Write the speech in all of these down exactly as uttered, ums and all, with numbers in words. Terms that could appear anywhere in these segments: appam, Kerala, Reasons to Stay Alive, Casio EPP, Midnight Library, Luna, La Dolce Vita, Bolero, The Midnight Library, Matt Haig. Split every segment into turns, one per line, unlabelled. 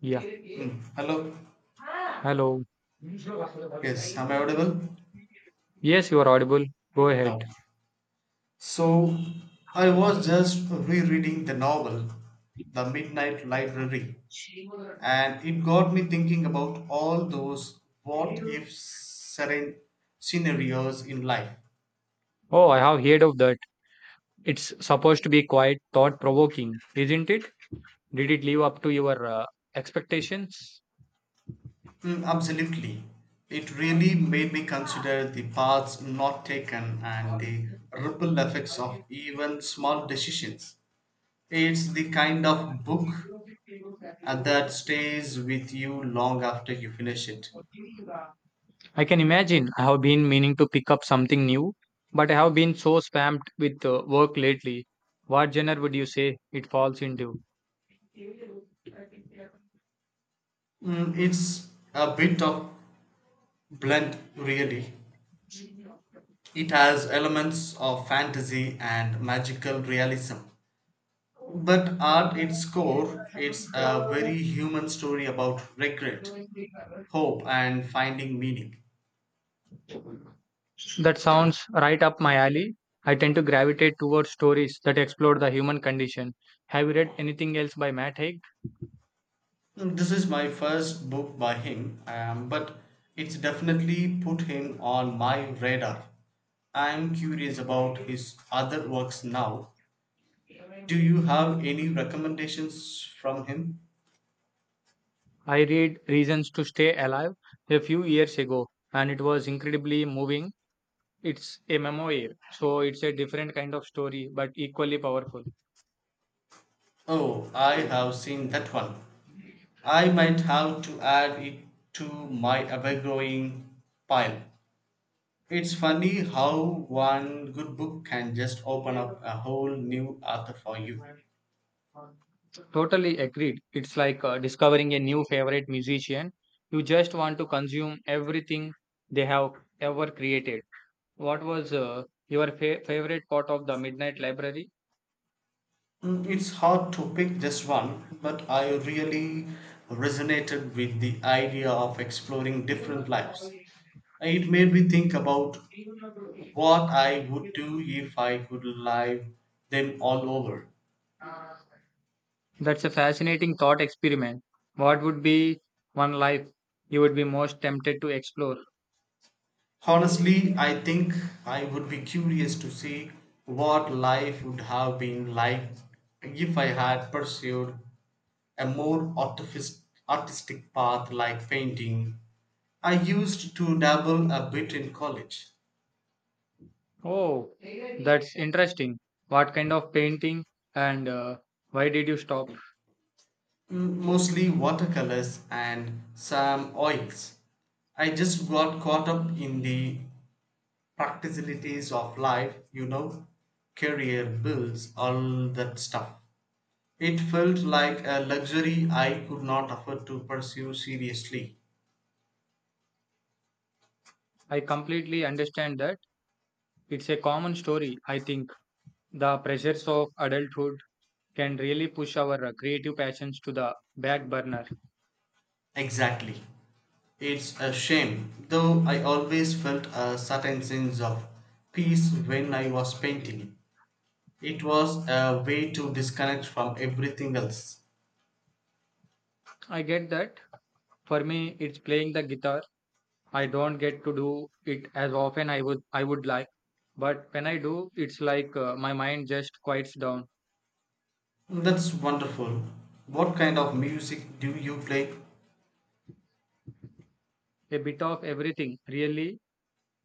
Yeah.
Mm, hello.
Hello.
Yes, am I audible?
Yes, you are audible. Go
No.
ahead.
So I was just rereading the novel, The Midnight Library, and it got me thinking about all those what if seren- scenarios in life.
Oh, I have heard of that. It's supposed to be quite thought provoking, isn't it? Did it live up to your uh, expectations?
Mm, absolutely. It really made me consider the paths not taken and the ripple effects of even small decisions. It's the kind of book and that stays with you long after you finish it.
I can imagine. I have been meaning to pick up something new, but I have been so spammed with uh, work lately. What genre would you say it falls into?
Mm, it's a bit of blend, really. It has elements of fantasy and magical realism. But at its core, it's a very human story about regret, hope, and finding meaning.
That sounds right up my alley. I tend to gravitate towards stories that explore the human condition. Have you read anything else by Matt Haig?
Mm, this is my first book by him, um, but it's definitely put him on my radar. I'm curious about his other works now. Do you have any recommendations from him?
I read Reasons to Stay Alive a few years ago, and it was incredibly moving. It's a memoir, so it's a different kind of story, but equally powerful.
Oh, I have seen that one. I might have to add it to my ever-growing pile. It's funny how one good book can just open up a whole new author for you.
Totally agreed. It's like uh, discovering a new favorite musician. You just want to consume everything they have ever created. What was uh, your fa- favorite part of the Midnight Library?
Mm, it's hard to pick just one, but I really resonated with the idea of exploring different lives. It made me think about what I would do if I could live them all over.
That's a fascinating thought experiment. What would be one life you would be most tempted to explore?
Honestly, I think I would be curious to see what life would have been like if I had pursued a more artific- artistic path like painting. I used to dabble a bit in college,
Oh, that's interesting. What kind of painting and uh, why did you stop?
m- mostly watercolors and some oils. I just got caught up in the practicalities of life, you know, career, bills, all that stuff. It felt like a luxury I could not afford to pursue seriously.
I completely understand that. It's a common story, I think. The pressures of adulthood can really push our uh, creative passions to the back burner.
Exactly. It's a shame, though I always felt a certain sense of peace when I was painting. It was a way to disconnect from everything else.
I get that. For me, it's playing the guitar. I don't get to do it as often I would I would like, but when I do, it's like uh, my mind just quiets down.
That's wonderful. What kind of music do you play?
A bit of everything, really.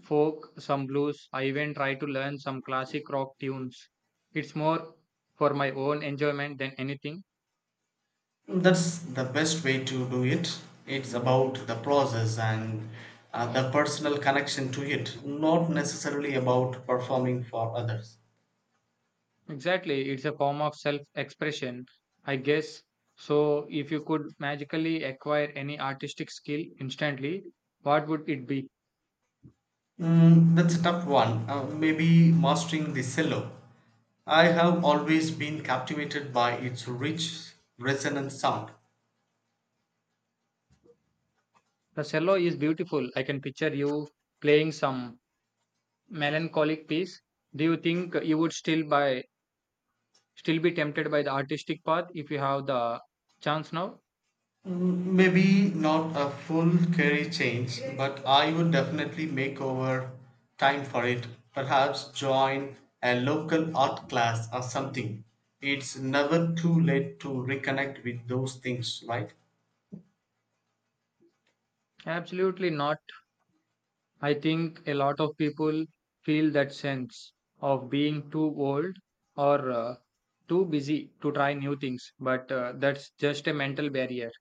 Folk, some blues. I even try to learn some classic rock tunes. It's more for my own enjoyment than anything.
That's the best way to do it. It's about the process and uh, the personal connection to it, not necessarily about performing for others.
Exactly, it's a form of self expression, I guess. So, if you could magically acquire any artistic skill instantly, what would it be?
Mm, that's a tough one. Uh, maybe mastering the cello. I have always been captivated by its rich, resonant sound.
The cello is beautiful. I can picture you playing some melancholic piece. Do you think you would still by still be tempted by the artistic path if you have the chance now?
Mm, maybe not a full career change, but I would definitely make over time for it. Perhaps join a local art class or something. It's never too late to reconnect with those things, right?
Absolutely not. I think a lot of people feel that sense of being too old or uh, too busy to try new things, but uh, that's just a mental barrier.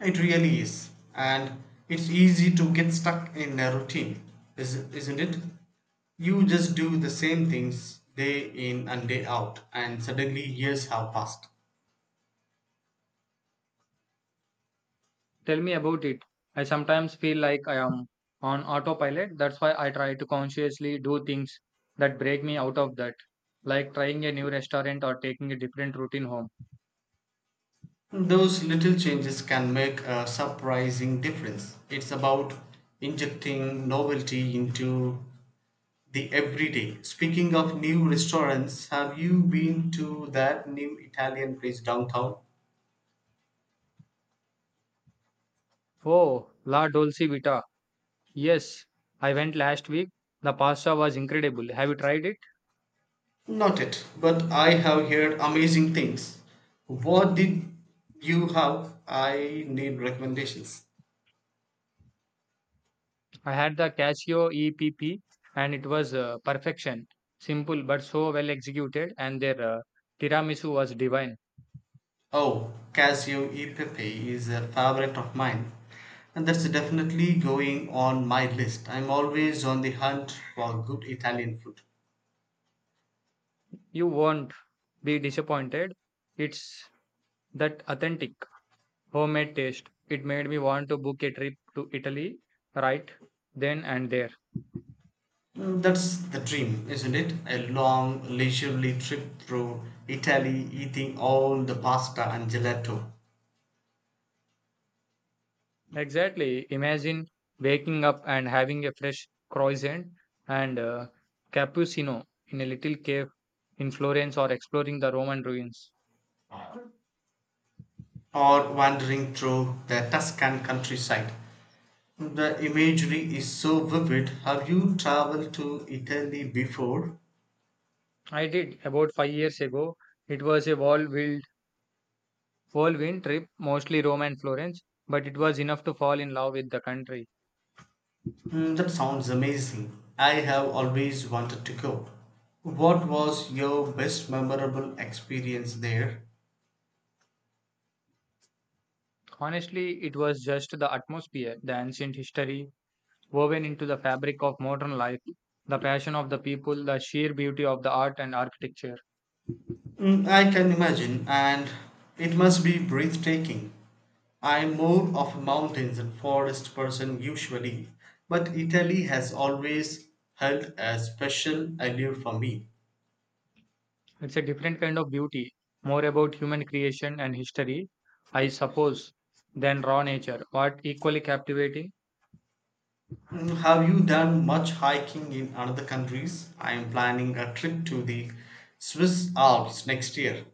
It really is. And it's easy to get stuck in a routine, is- isn't it? You just do the same things day in and day out, and suddenly years have passed.
Tell me about it. I sometimes feel like I am on autopilot. That's why I try to consciously do things that break me out of that, like trying a new restaurant or taking a different routine home.
Those little changes can make a surprising difference. It's about injecting novelty into the everyday. Speaking of new restaurants, have you been to that new Italian place downtown?
Oh, La Dolce Vita. Yes, I went last week. The pasta was incredible. Have you tried it?
Not yet, but I have heard amazing things. What did you have? I need recommendations.
I had the Casio E P P and it was uh, perfection. Simple but so well executed, and their uh, tiramisu was divine.
Oh, Casio E Pepe is a favorite of mine, and that's definitely going on my list. I'm always on the hunt for good Italian food.
You won't be disappointed. It's that authentic homemade taste. It made me want to book a trip to Italy right then and there.
Mm, that's the dream, isn't it? A long, leisurely trip through Italy, eating all the pasta and gelato,
Exactly. Imagine waking up and having a fresh croissant and uh, cappuccino in a little cave in Florence or exploring the Roman ruins.
or wandering through the Tuscan countryside. The imagery is so vivid. Have you traveled to Italy before?
I did about five years ago. It was a whirlwind, whirlwind trip, mostly Rome and Florence, but it was enough to fall in love with the country.
Hmm, that sounds amazing. I have always wanted to go. What was your best memorable experience there?
Honestly, it was just the atmosphere, the ancient history woven into the fabric of modern life, the passion of the people, the sheer beauty of the art and architecture.
Hmm, I can imagine, and it must be breathtaking. I'm more of a mountains and forest person usually, but Italy has always held a special allure for me.
It's a different kind of beauty, more about human creation and history, I suppose, than raw nature, but equally captivating.
Mm, have you done much hiking in other countries? I am planning a trip to the Swiss Alps next year.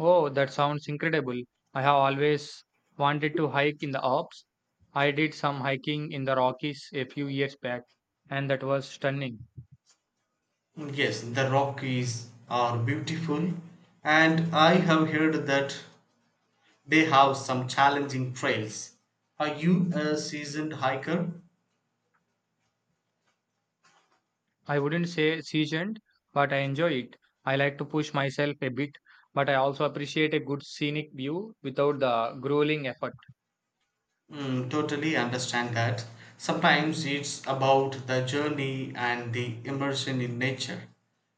Oh, that sounds incredible. I have always wanted to hike in the Alps. I did some hiking in the Rockies a few years back, and that was stunning.
Yes, the Rockies are beautiful, and I have heard that they have some challenging trails. Are you a seasoned hiker?
I wouldn't say seasoned, but I enjoy it. I like to push myself a bit, but I also appreciate a good scenic view without the grueling effort.
Mm, totally understand that. Sometimes it's about the journey and the immersion in nature,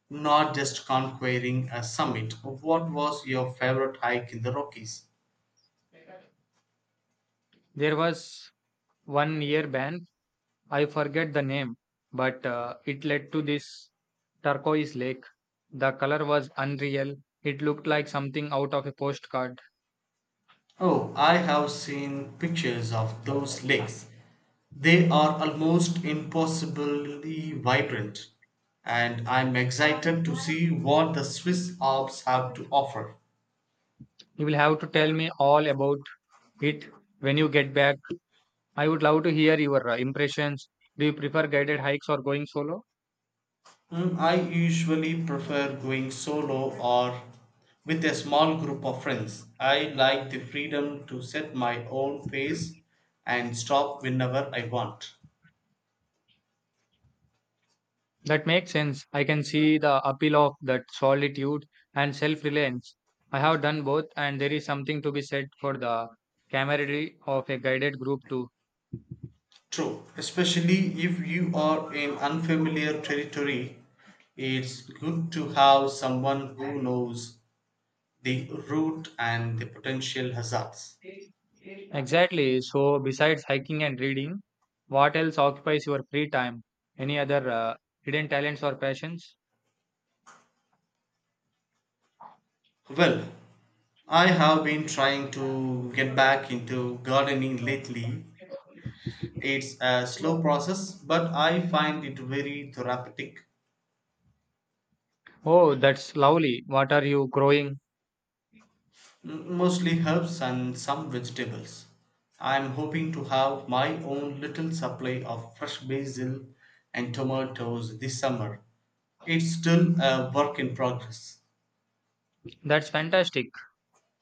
not just conquering a summit. What was your favorite hike in the Rockies?
There was one near band, I forget the name, but uh, it led to this turquoise lake. The color was unreal. It looked like something out of a postcard.
Oh, I have seen pictures of those lakes. They are almost impossibly vibrant, and I'm excited to see what the Swiss Alps have to offer.
You will have to tell me all about it when you get back. I would love to hear your uh, impressions. Do you prefer guided hikes or going solo?
Mm, I usually prefer going solo or with a small group of friends. I like the freedom to set my own pace and stop whenever I want.
That makes sense. I can see the appeal of that solitude and self reliance. I have done both, and there is something to be said for the camaraderie of a guided group too.
True, especially if you are in unfamiliar territory, it's good to have someone who knows the route and the potential hazards.
Exactly. So, besides hiking and reading, what else occupies your free time? Any other uh, hidden talents or passions?
Well, I have been trying to get back into gardening lately. It's a slow process, but I find it very therapeutic.
Oh, that's lovely. What are you growing?
M- Mostly herbs and some vegetables. I'm hoping to have my own little supply of fresh basil and tomatoes this summer. It's still a work in progress.
That's fantastic.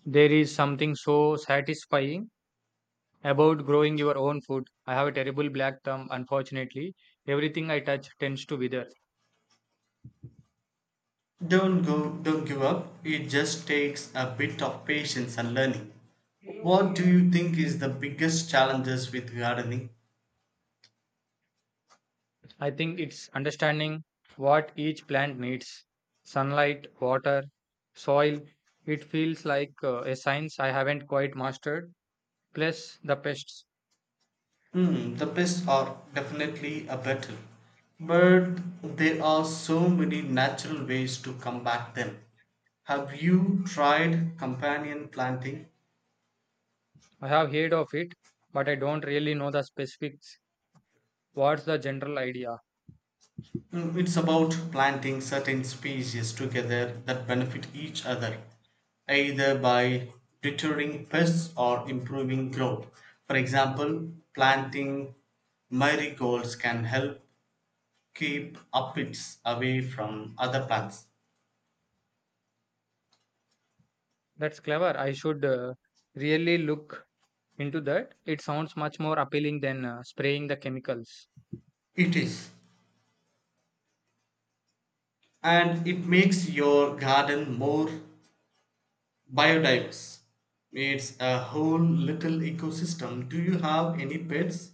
There is something so satisfying about growing your own food. I have a terrible black thumb, unfortunately. Everything I touch tends to wither.
Don't go don't give up. It just takes a bit of patience and learning. What do you think is the biggest challenges with gardening?
I think it's understanding what each plant needs: sunlight, water, soil. It feels like uh, a science I haven't quite mastered. Plus, the pests.
Hmm, the pests are definitely a battle, but there are so many natural ways to combat them. Have you tried companion planting?
I have heard of it, but I don't really know the specifics. What's the general idea?
Mm, it's about planting certain species together that benefit each other, either by deterring pests or improving growth. For example, planting marigolds can help keep aphids away from other plants.
That's clever. I should uh, really look into that. It sounds much more appealing than uh, spraying the chemicals.
It is, and it makes your garden more biodiverse. It's a whole little ecosystem. Do you have any pets?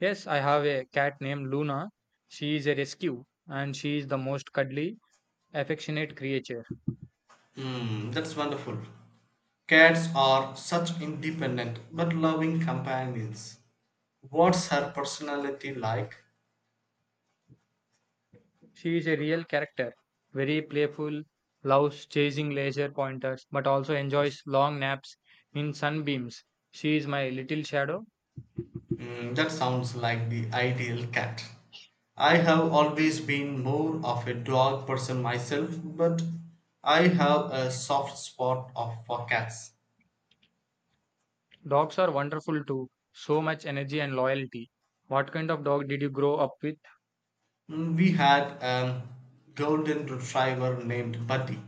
Yes, I have a cat named Luna. She is a rescue and she is the most cuddly, affectionate creature.
Hmm, that's wonderful. Cats are such independent but loving companions. What's her personality like?
She is a real character, very playful, loves chasing laser pointers, but also enjoys long naps in sunbeams. She is my little shadow.
Hmm, that sounds like the ideal cat. I have always been more of a dog person myself, but I have a soft spot of, for cats.
Dogs are wonderful too, so much energy and loyalty. What kind of dog did you grow up with?
Mm, we had a golden retriever named Buddy.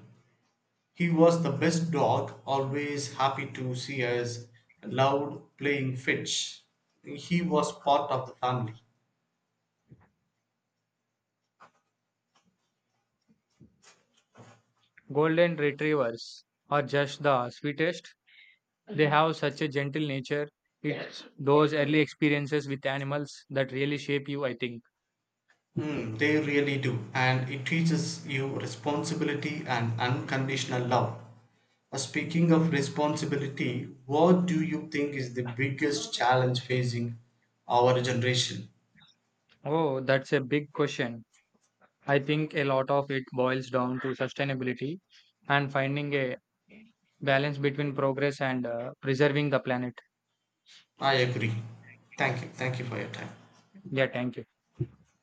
He was the best dog, always happy to see us, loud playing fetch. He was part of the family.
Golden retrievers are just the sweetest. They have such a gentle nature. It's those early experiences with animals that really shape you, I think.
Mm, they really do, and it teaches you responsibility and unconditional love. Uh, Speaking of responsibility, what do you think is the biggest challenge facing our generation?
Oh, that's a big question. I think a lot of it boils down to sustainability and finding a balance between progress and uh, preserving the planet.
I agree. Thank you. Thank you for your time.
Yeah, thank you.